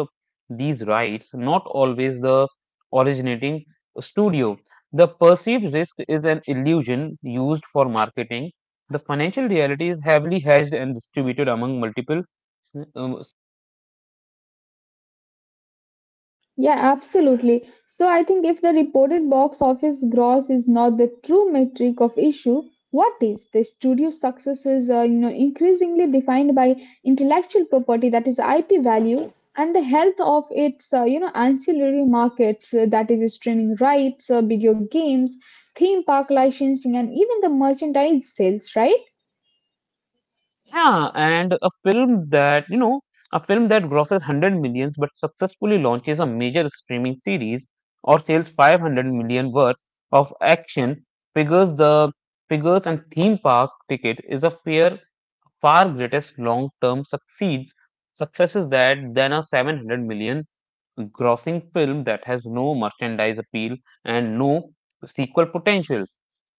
A: these rights, not always the originating studio. The perceived risk is an illusion used for marketing. The financial reality is heavily hedged and distributed among multiple um,
B: Yeah, absolutely. So I think if the reported box office gross is not the true metric of issue, what is? The studio success is, you know, increasingly defined by intellectual property, that is IP value, and the health of its, you know, ancillary markets, that is streaming rights, video games, theme park licensing, and even the merchandise sales, right?
A: Yeah, and a film that grosses 100 millions but successfully launches a major streaming series or sells 500 million worth of action figures the figures and theme park ticket is a fair far greatest long-term succeeds successes that than a 700 million grossing film that has no merchandise appeal and no sequel potential.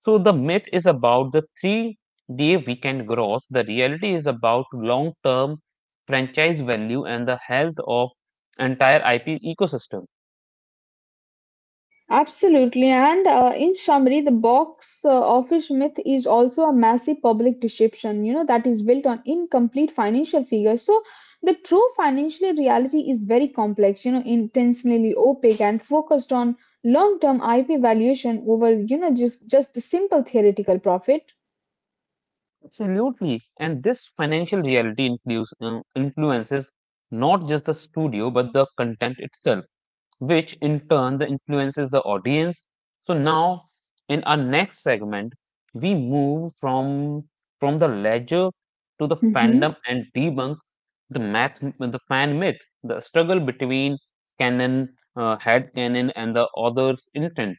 A: So the myth is about the 3 day weekend gross. The reality is about long term franchise value and the health of entire IP ecosystem.
B: Absolutely, and in summary, the box office myth is also a massive public deception, you know, that is built on incomplete financial figures. So, the true financial reality is very complex, you know, intentionally opaque and focused on long-term IP valuation over, you know, just the simple theoretical profit.
A: Absolutely. And this financial reality influences not just the studio but the content itself, which in turn the influences the audience. So now in our next segment, we move from the ledger to the
B: Mhm.
A: fandom and debunk the fan myth, the struggle between canon, head canon, and the author's intent.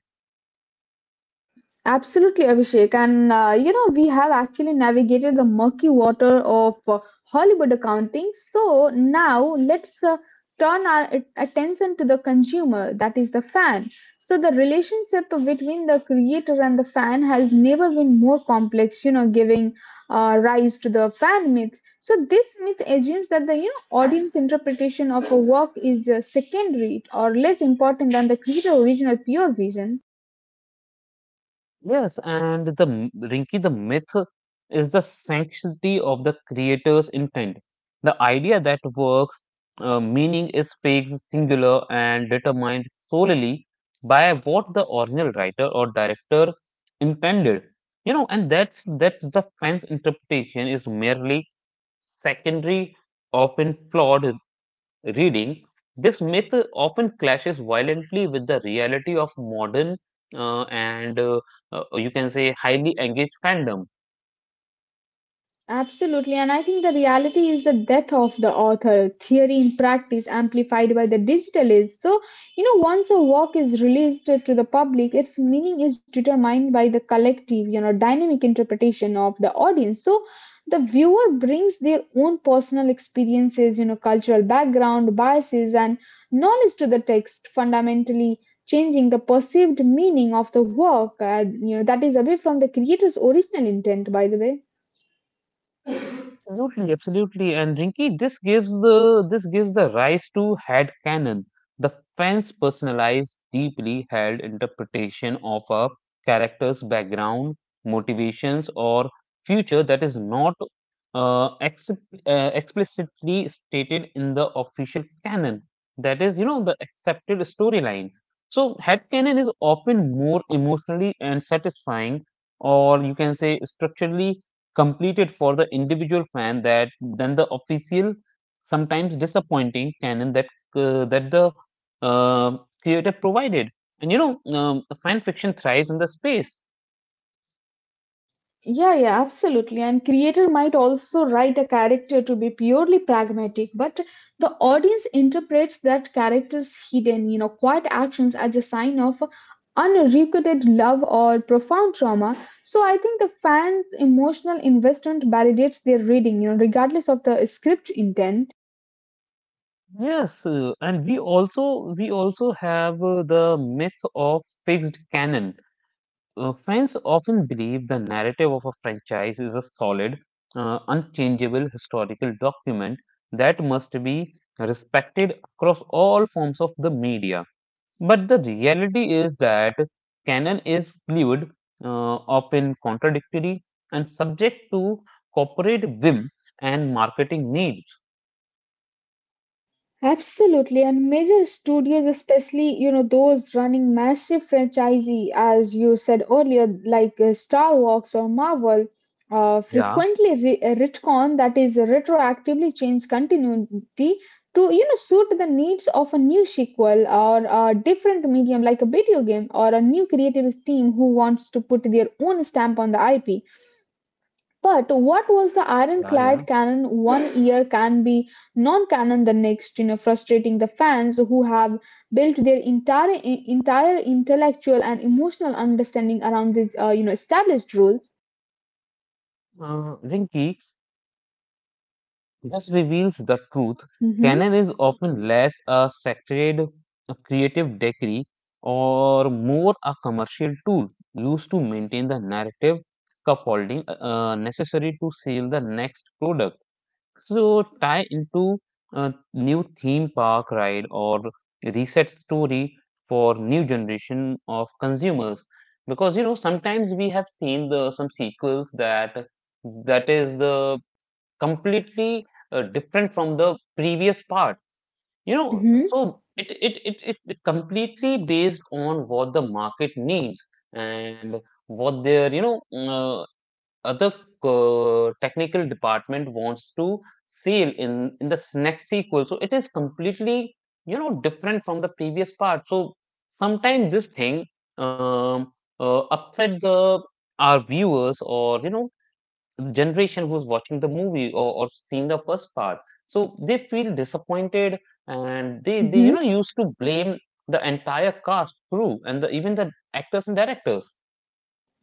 B: Absolutely, Abhishek. And, you know, we have actually navigated the murky water of Hollywood accounting. So now let's turn our attention to the consumer, that is the fan. So the relationship between the creator and the fan has never been more complex, you know, giving rise to the fan myth. So this myth assumes that the you know audience interpretation of a work is secondary or less important than the creator's original pure vision.
A: Yes, and Rinki, the myth is the sanctity of the creator's intent. The idea that works, meaning is fixed, singular, and determined solely by what the original writer or director intended. You know, and that's the fan's interpretation is merely secondary, often flawed reading. This myth often clashes violently with the reality of modern and you can say highly engaged fandom.
B: Absolutely, and I think the reality is the death of the author, theory in practice amplified by the digital age. So, you know, once a work is released to the public, its meaning is determined by the collective, you know, dynamic interpretation of the audience. So, the viewer brings their own personal experiences, you know, cultural background, biases, and knowledge to the text, fundamentally changing the perceived meaning of the work. You know, that is away from the creator's original intent, by the way.
A: Absolutely, absolutely. And Rinki, this gives the rise to head canon, the fan's personalized, deeply held interpretation of a character's background, motivations, or future that is not ex explicitly stated in the official canon. That is, you know, the accepted storyline. So head canon is often more emotionally and satisfying, or you can say structurally completed for the individual fan that than the official, sometimes disappointing canon that that the creator provided. And you know, fan fiction thrives in the space.
B: Yeah, yeah, absolutely. And creator might also write a character to be purely pragmatic, but the audience interprets that character's hidden, you know, quiet actions as a sign of unrequited love or profound trauma. So I think the fans' emotional investment validates their reading, regardless of the script intent.
A: Yes, and we also have the myth of fixed canon. Fans often believe the narrative of a franchise is a solid, unchangeable historical document that must be respected across all forms of the media. But the reality is that canon is fluid, often contradictory, and subject to corporate whim and marketing needs.
B: Absolutely, and major studios, especially those running massive franchise, as you said earlier, like Star Wars or Marvel,
A: Yeah,
B: frequently retcon that is retroactively change continuity to suit the needs of a new sequel or a different medium like a video game or a new creative team who wants to put their own stamp on the IP. But what was the
A: yeah, yeah.
B: ironclad canon one year can be non-canon the next, frustrating the fans who have built their entire intellectual and emotional understanding around these, established rules.
A: Rinki just reveals the truth.
B: Hmm.
A: Canon is often less a sacred, a creative decree, or more a commercial tool used to maintain the narrative scaffolding necessary to sell the next product, so tie into a new theme park ride or reset story for new generation of consumers, because you know sometimes we have seen the some sequels that that is the completely different from the previous part, you know,
B: Hmm.
A: so it completely based on what the market needs and what their you know other technical department wants to seal in the next sequel, so it is completely you know different from the previous part, so sometimes this thing um, uh, upset the our viewers or you know generation who's watching the movie or seen the first part, so they feel disappointed and
B: Hmm.
A: they you know used to blame the entire cast crew and the, even the actors and directors.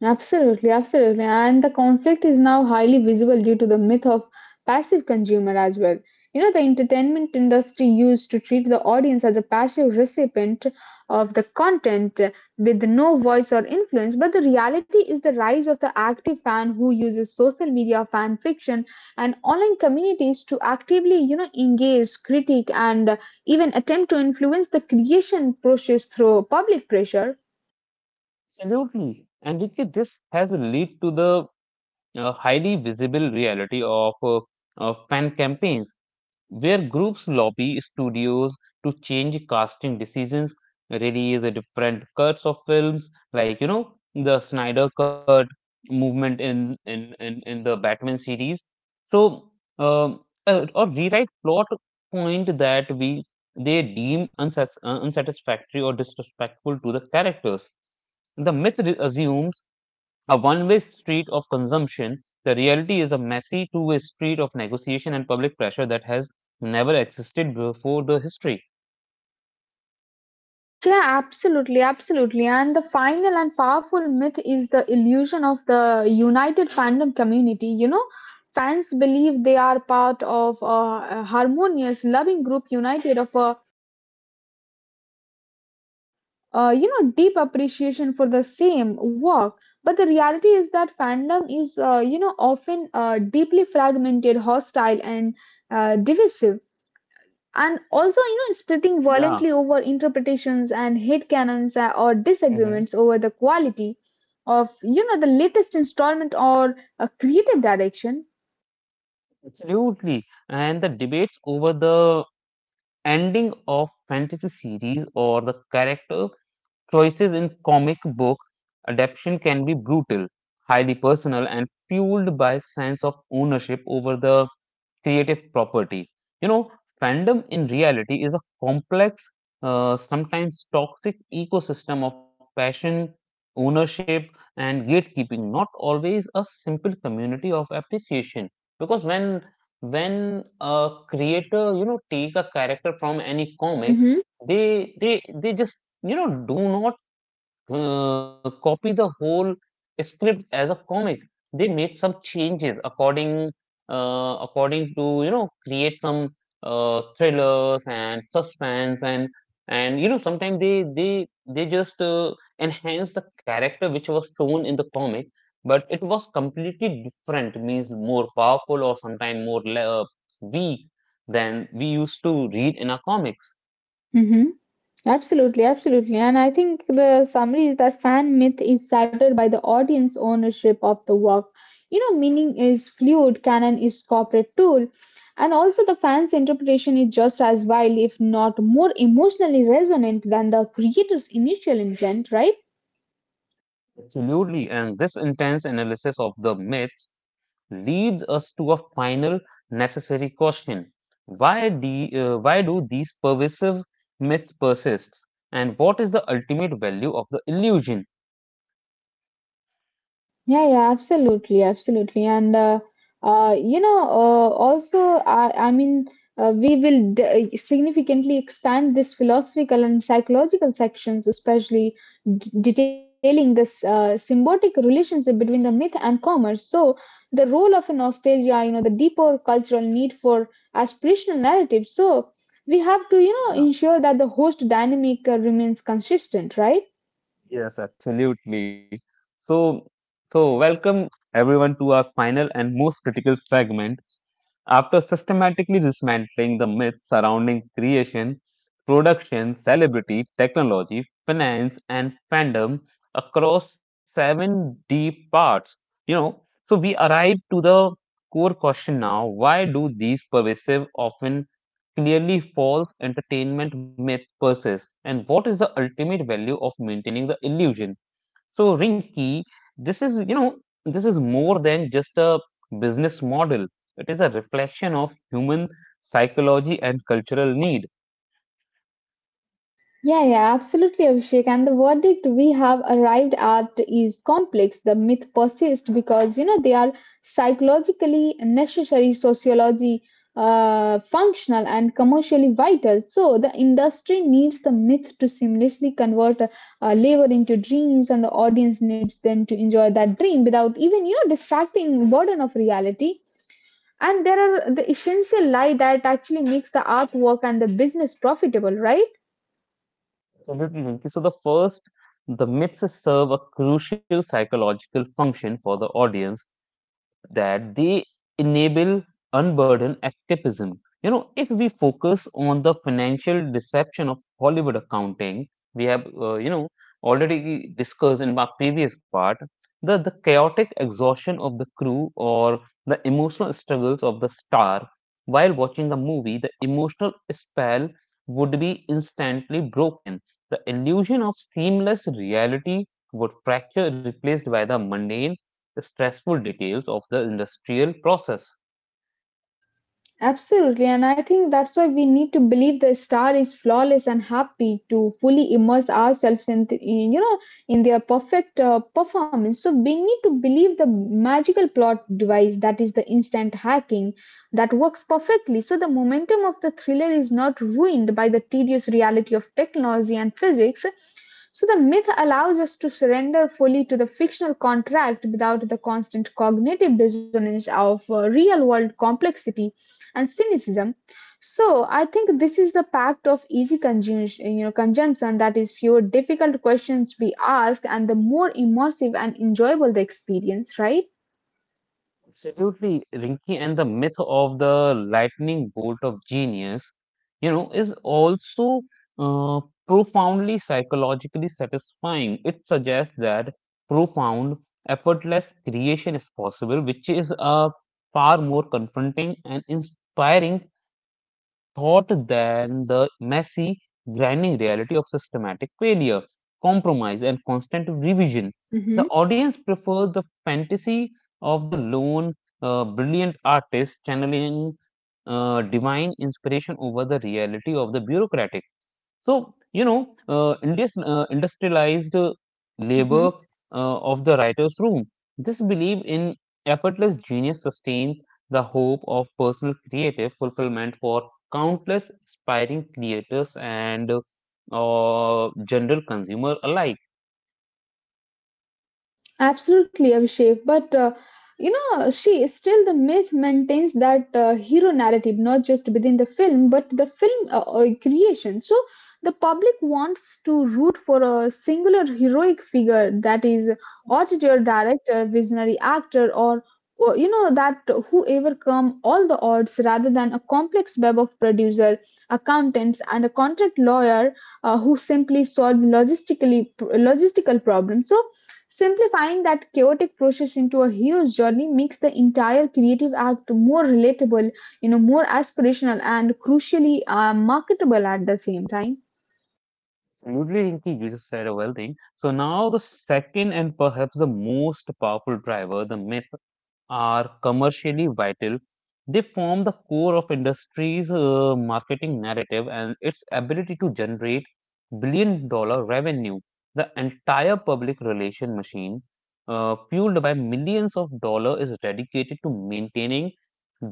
B: Absolutely, absolutely. And the conflict is now highly visible due to the myth of passive consumer as well. The entertainment industry used to treat the audience as a passive recipient of the content with no voice or influence. But the reality is the rise of the active fan who uses social media, fan fiction, and online communities to actively, engage, critique, and even attempt to influence the creation process through public pressure.
A: Absolutely. And Ricky, this has led to the a highly visible reality of fan campaigns, where groups lobby studios to change casting decisions, release the different cuts of films, like you know the Snyder cut movement in the Batman series. So, um, or rewrite plot point that we they deem unsatisfactory or disrespectful to the characters. The myth assumes a one way street of consumption. The reality is a messy two-way street of negotiation and public pressure that has never existed before the history.
B: Yeah, absolutely, absolutely. And the final and powerful myth is the illusion of the united fandom community. Fans believe they are part of a harmonious, loving group united of a deep appreciation for the same work. But the reality is that fandom is often deeply fragmented, hostile, and divisive, and also splitting
A: Yeah,
B: violently over interpretations and hate canons or
A: hmm,
B: disagreements over the quality of the latest installment or a creative direction.
A: absolutely. And the debates over the ending of fantasy series or the character choices in comic book adaptation can be brutal, highly personal, and fueled by sense of ownership over the creative property. You know, fandom in reality is a complex, sometimes toxic ecosystem of passion, ownership, and gatekeeping, not always a simple community of appreciation. Because when a creator, you know, take a character from any comic,
B: Mm-hmm.
A: they just you know do not copy the whole script as a comic. They made some changes according according to you know create some thrillers and suspense, and you know sometimes they just enhance the character which was shown in the comic, but it was completely different. Means more powerful or sometimes more weak than we used to read in our comics.
B: Mm-hmm. Absolutely, absolutely. And I think the summary is that fan myth is shattered by the audience ownership of the work. Meaning is fluid, canon is corporate tool, and also the fan's interpretation is just as wild, if not more emotionally resonant than the creator's initial intent, right?
A: Absolutely. And this intense analysis of the myths leads us to a final necessary question. Why do these pervasive myths persist? And what is the ultimate value of the illusion?
B: Yeah, yeah, absolutely, absolutely, and also, I mean, we will significantly expand this philosophical and psychological sections, especially detailing this symbiotic relationship between the myth and commerce. So, the role of a nostalgia, the deeper cultural need for aspirational narratives. So, we have to, ensure that the host dynamic remains consistent, right?
A: Yes, absolutely. So, so welcome everyone to our final and most critical segment. After systematically dismantling the myths surrounding creation, production, celebrity, technology, finance, and fandom across seven deep parts, you know, so we arrive to the core question now: Why do these pervasive, often clearly false entertainment myth persists, and what is the ultimate value of maintaining the illusion? So, Rinki, this is you know this is more than just a business model. It is a reflection of human psychology and cultural need.
B: Yeah, yeah, absolutely, Abhishek. And the verdict we have arrived at is complex. The myth persists because, they are psychologically necessary, sociology functional, and commercially vital. So the industry needs the myth to seamlessly convert labor into dreams, and the audience needs them to enjoy that dream without even, distracting burden of reality. And there are the essential lie that actually makes the artwork and the business profitable, right?
A: Absolutely, Rinki. So, the first, the myths serve a crucial psychological function for the audience, that they enable unburdened escapism. You know, if we focus on the financial deception of Hollywood accounting, we have, you know, already discussed in my previous part, the chaotic exhaustion of the crew or the emotional struggles of the star, while watching a movie, the emotional spell would be instantly broken. The illusion of seamless reality would fracture, replaced by the mundane stressful details of the industrial process.
B: Absolutely, and I think that's why we need to believe the star is flawless and happy to fully immerse ourselves in, the, in you know, in their perfect performance. So we need to believe the magical plot device that is the instant hacking that works perfectly. So the momentum of the thriller is not ruined by the tedious reality of technology and physics. So the myth allows us to surrender fully to the fictional contract without the constant cognitive dissonance of real world complexity and cynicism. So I think this is the pact of easy consumption, consumption that is fewer difficult questions to be asked and the more immersive and enjoyable the experience, right?
A: Absolutely, Rinky, and the myth of the lightning bolt of genius, you know, is also uh, profoundly psychologically satisfying. It suggests that profound, effortless creation is possible, which is a far more confronting and inspiring more than the messy, grinding reality of systematic failure, compromise, and constant revision. The
B: Mm-hmm.
A: audience prefers the fantasy of the lone, brilliant artist channeling divine inspiration over the reality of the bureaucratic. So, you know, India's industrialized labor of the writer's room. This belief in effortless genius sustains the hope of personal creative fulfillment for countless aspiring creators and general consumer alike.
B: Absolutely, Abhishek. But she still the myth maintains that hero narrative, not just within the film, but the film creation. So the public wants to root for a singular heroic figure that is auteur, director, visionary actor, or, you know that whoever come all the odds rather than a complex web of producer accountants and a contract lawyer who simply solve logistical problems, so simplifying that chaotic process into a hero's journey makes the entire creative act more relatable, more aspirational, and crucially marketable at the same time.
A: Absolutely, Rinki, you just said a well thing. So now the second and perhaps the most powerful driver, the myth are commercially vital. They form the core of industry's marketing narrative and its ability to generate billion dollar revenue. The entire public relation machine, fueled by millions of dollars, is dedicated to maintaining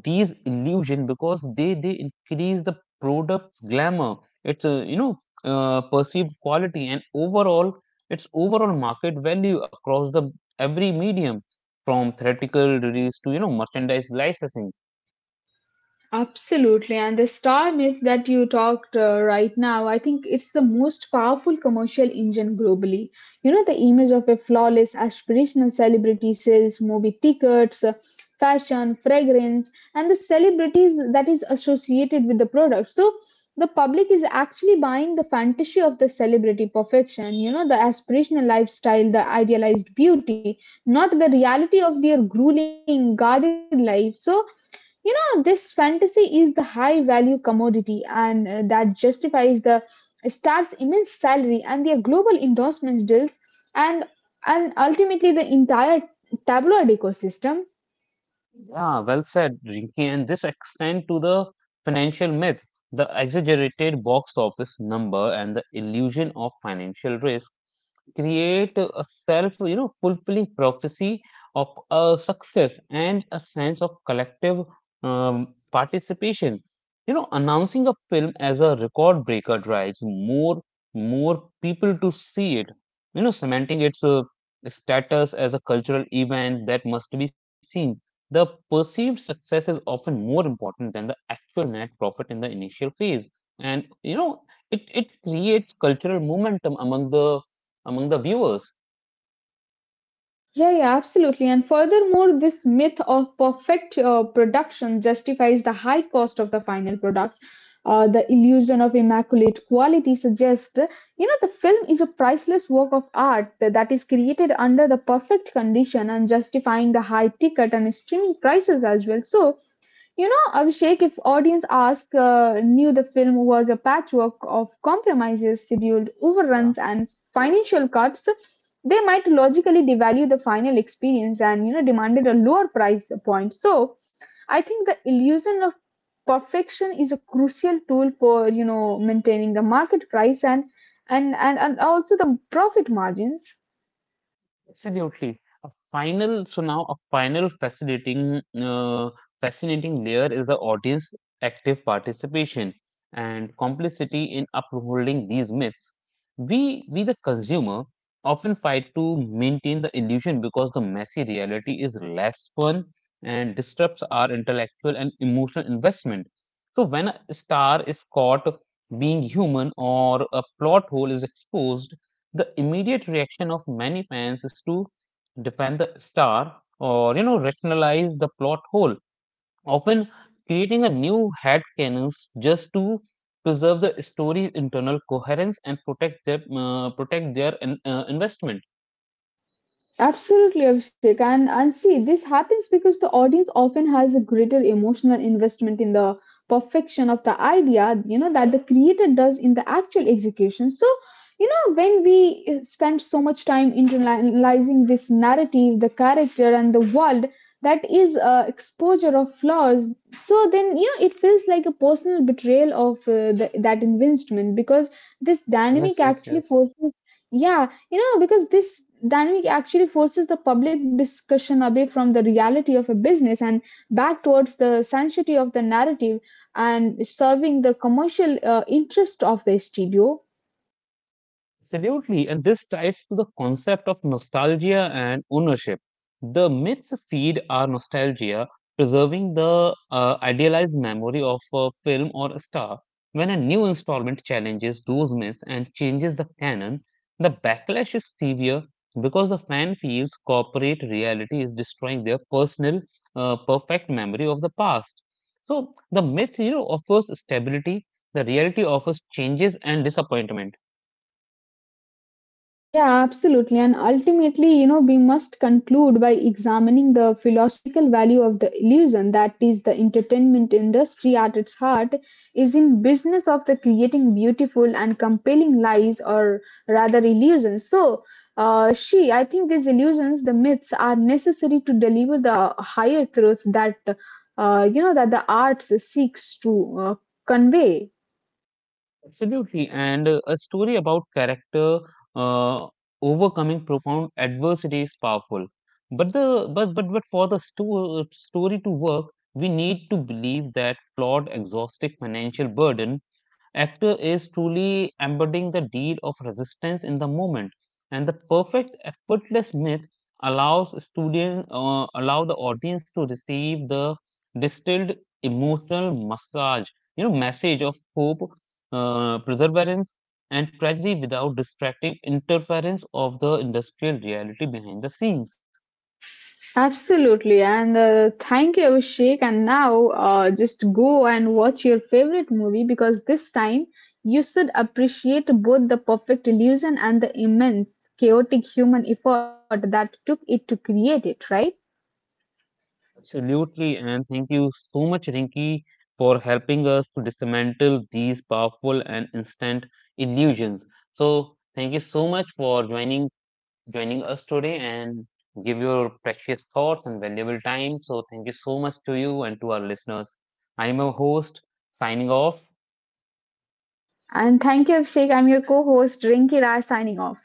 A: these illusion because they increase the product's glamour, its perceived quality and overall its overall market value across the every medium from theatrical release to you know merchandise licensing.
B: Absolutely. And the star myth that you talked right now, I think it's the most powerful commercial engine globally. The image of a flawless aspirational celebrity sells movie tickets, fashion, fragrance, and the celebrities that is associated with the product. So the public is actually buying the fantasy of the celebrity perfection, the aspirational lifestyle, the idealized beauty, not the reality of their grueling, guarded life. So this fantasy is the high value commodity and that justifies the star's immense salary and their global endorsement deals and and ultimately the entire tabloid ecosystem.
A: Yeah, well said, Rinki. And this extend to the financial myth. The exaggerated box office number, and the illusion of financial risk create a self you know fulfilling prophecy of a success and a sense of collective participation. You know, announcing a film as a record breaker drives more people to see it. You know, cementing its status as a cultural event that must be seen. The perceived success is often more important than the actual net profit in the initial phase, and you know, it creates cultural momentum among the viewers.
B: Yeah, yeah, absolutely. And furthermore, this myth of perfect production justifies the high cost of the final product. The illusion of immaculate quality suggests, the film is a priceless work of art that is created under the perfect condition and justifying the high ticket and streaming prices as well. So, Abhishek, if audience ask knew the film was a patchwork of compromises, scheduled
A: Yeah.
B: overruns, and financial cuts, they might logically devalue the final experience and demanded a lower price point. So, I think the illusion of perfection is a crucial tool for maintaining the market price and also the profit margins.
A: Absolutely. A final, so now a final fascinating, fascinating layer is the audience active participation and complicity in upholding these myths. We, the consumer, often fight to maintain the illusion because the messy reality is less fun and disrupts our intellectual and emotional investment. So when a star is caught being human or a plot hole is exposed, the immediate reaction of many fans is to defend the star or you know rationalize the plot hole, often creating a new headcanons just to preserve the story's internal coherence and protect their investment.
B: Absolutely, Abhishek. And see, this happens because the audience often has a greater emotional investment in the perfection of the idea, that the creator does in the actual execution. So, when we spend so much time internalizing this narrative, the character, and the world, that is exposure of flaws. So then, it feels like a personal betrayal of that investment. Because this
A: Yes,
B: dynamic
A: yes,
B: actually
A: yes.
B: forces Yeah, because this dynamic actually forces the public discussion away from the reality of a business and back towards the sanctity of the narrative and serving the commercial interest of the studio.
A: Absolutely, and this ties to the concept of nostalgia and ownership. The myths feed our nostalgia, preserving the idealized memory of a film or a star. When a new installment challenges those myths and changes the canon, the backlash is severe because the fan feels corporate reality is destroying their personal, perfect memory of the past. So the myth, you know, offers stability. The reality offers changes and disappointment.
B: Yeah, absolutely. And ultimately, we must conclude by examining the philosophical value of the illusion that is the entertainment industry at its heart is in business of the creating beautiful and compelling lies or rather illusions. So, I think these illusions, the myths are necessary to deliver the higher truths that, that the arts seeks to convey.
A: Absolutely, and a story about character uh, overcoming profound adversity is powerful. But for the story to work, we need to believe that flawed, exhaustive financial burden actor is truly embodying the deed of resistance in the moment, and the perfect effortless allow the audience to receive the distilled emotional massage you know message of hope, perseverance and tragedy without distracting interference of the industrial reality behind the scenes.
B: Absolutely, and thank you, Abhishek. And now, just go and watch your favorite movie because this time you should appreciate both the perfect illusion and the immense chaotic human effort that took it to create it, right?
A: Absolutely, and thank you so much, Rinki, for helping us to dismantle these powerful and instant illusions. So thank you so much for joining us today and give your precious thoughts and valuable time. So, thank you so much to you and to our listeners. I'm your host, signing off.
B: And thank you, Abhishek. I'm your co host, Rinki Rai, signing off.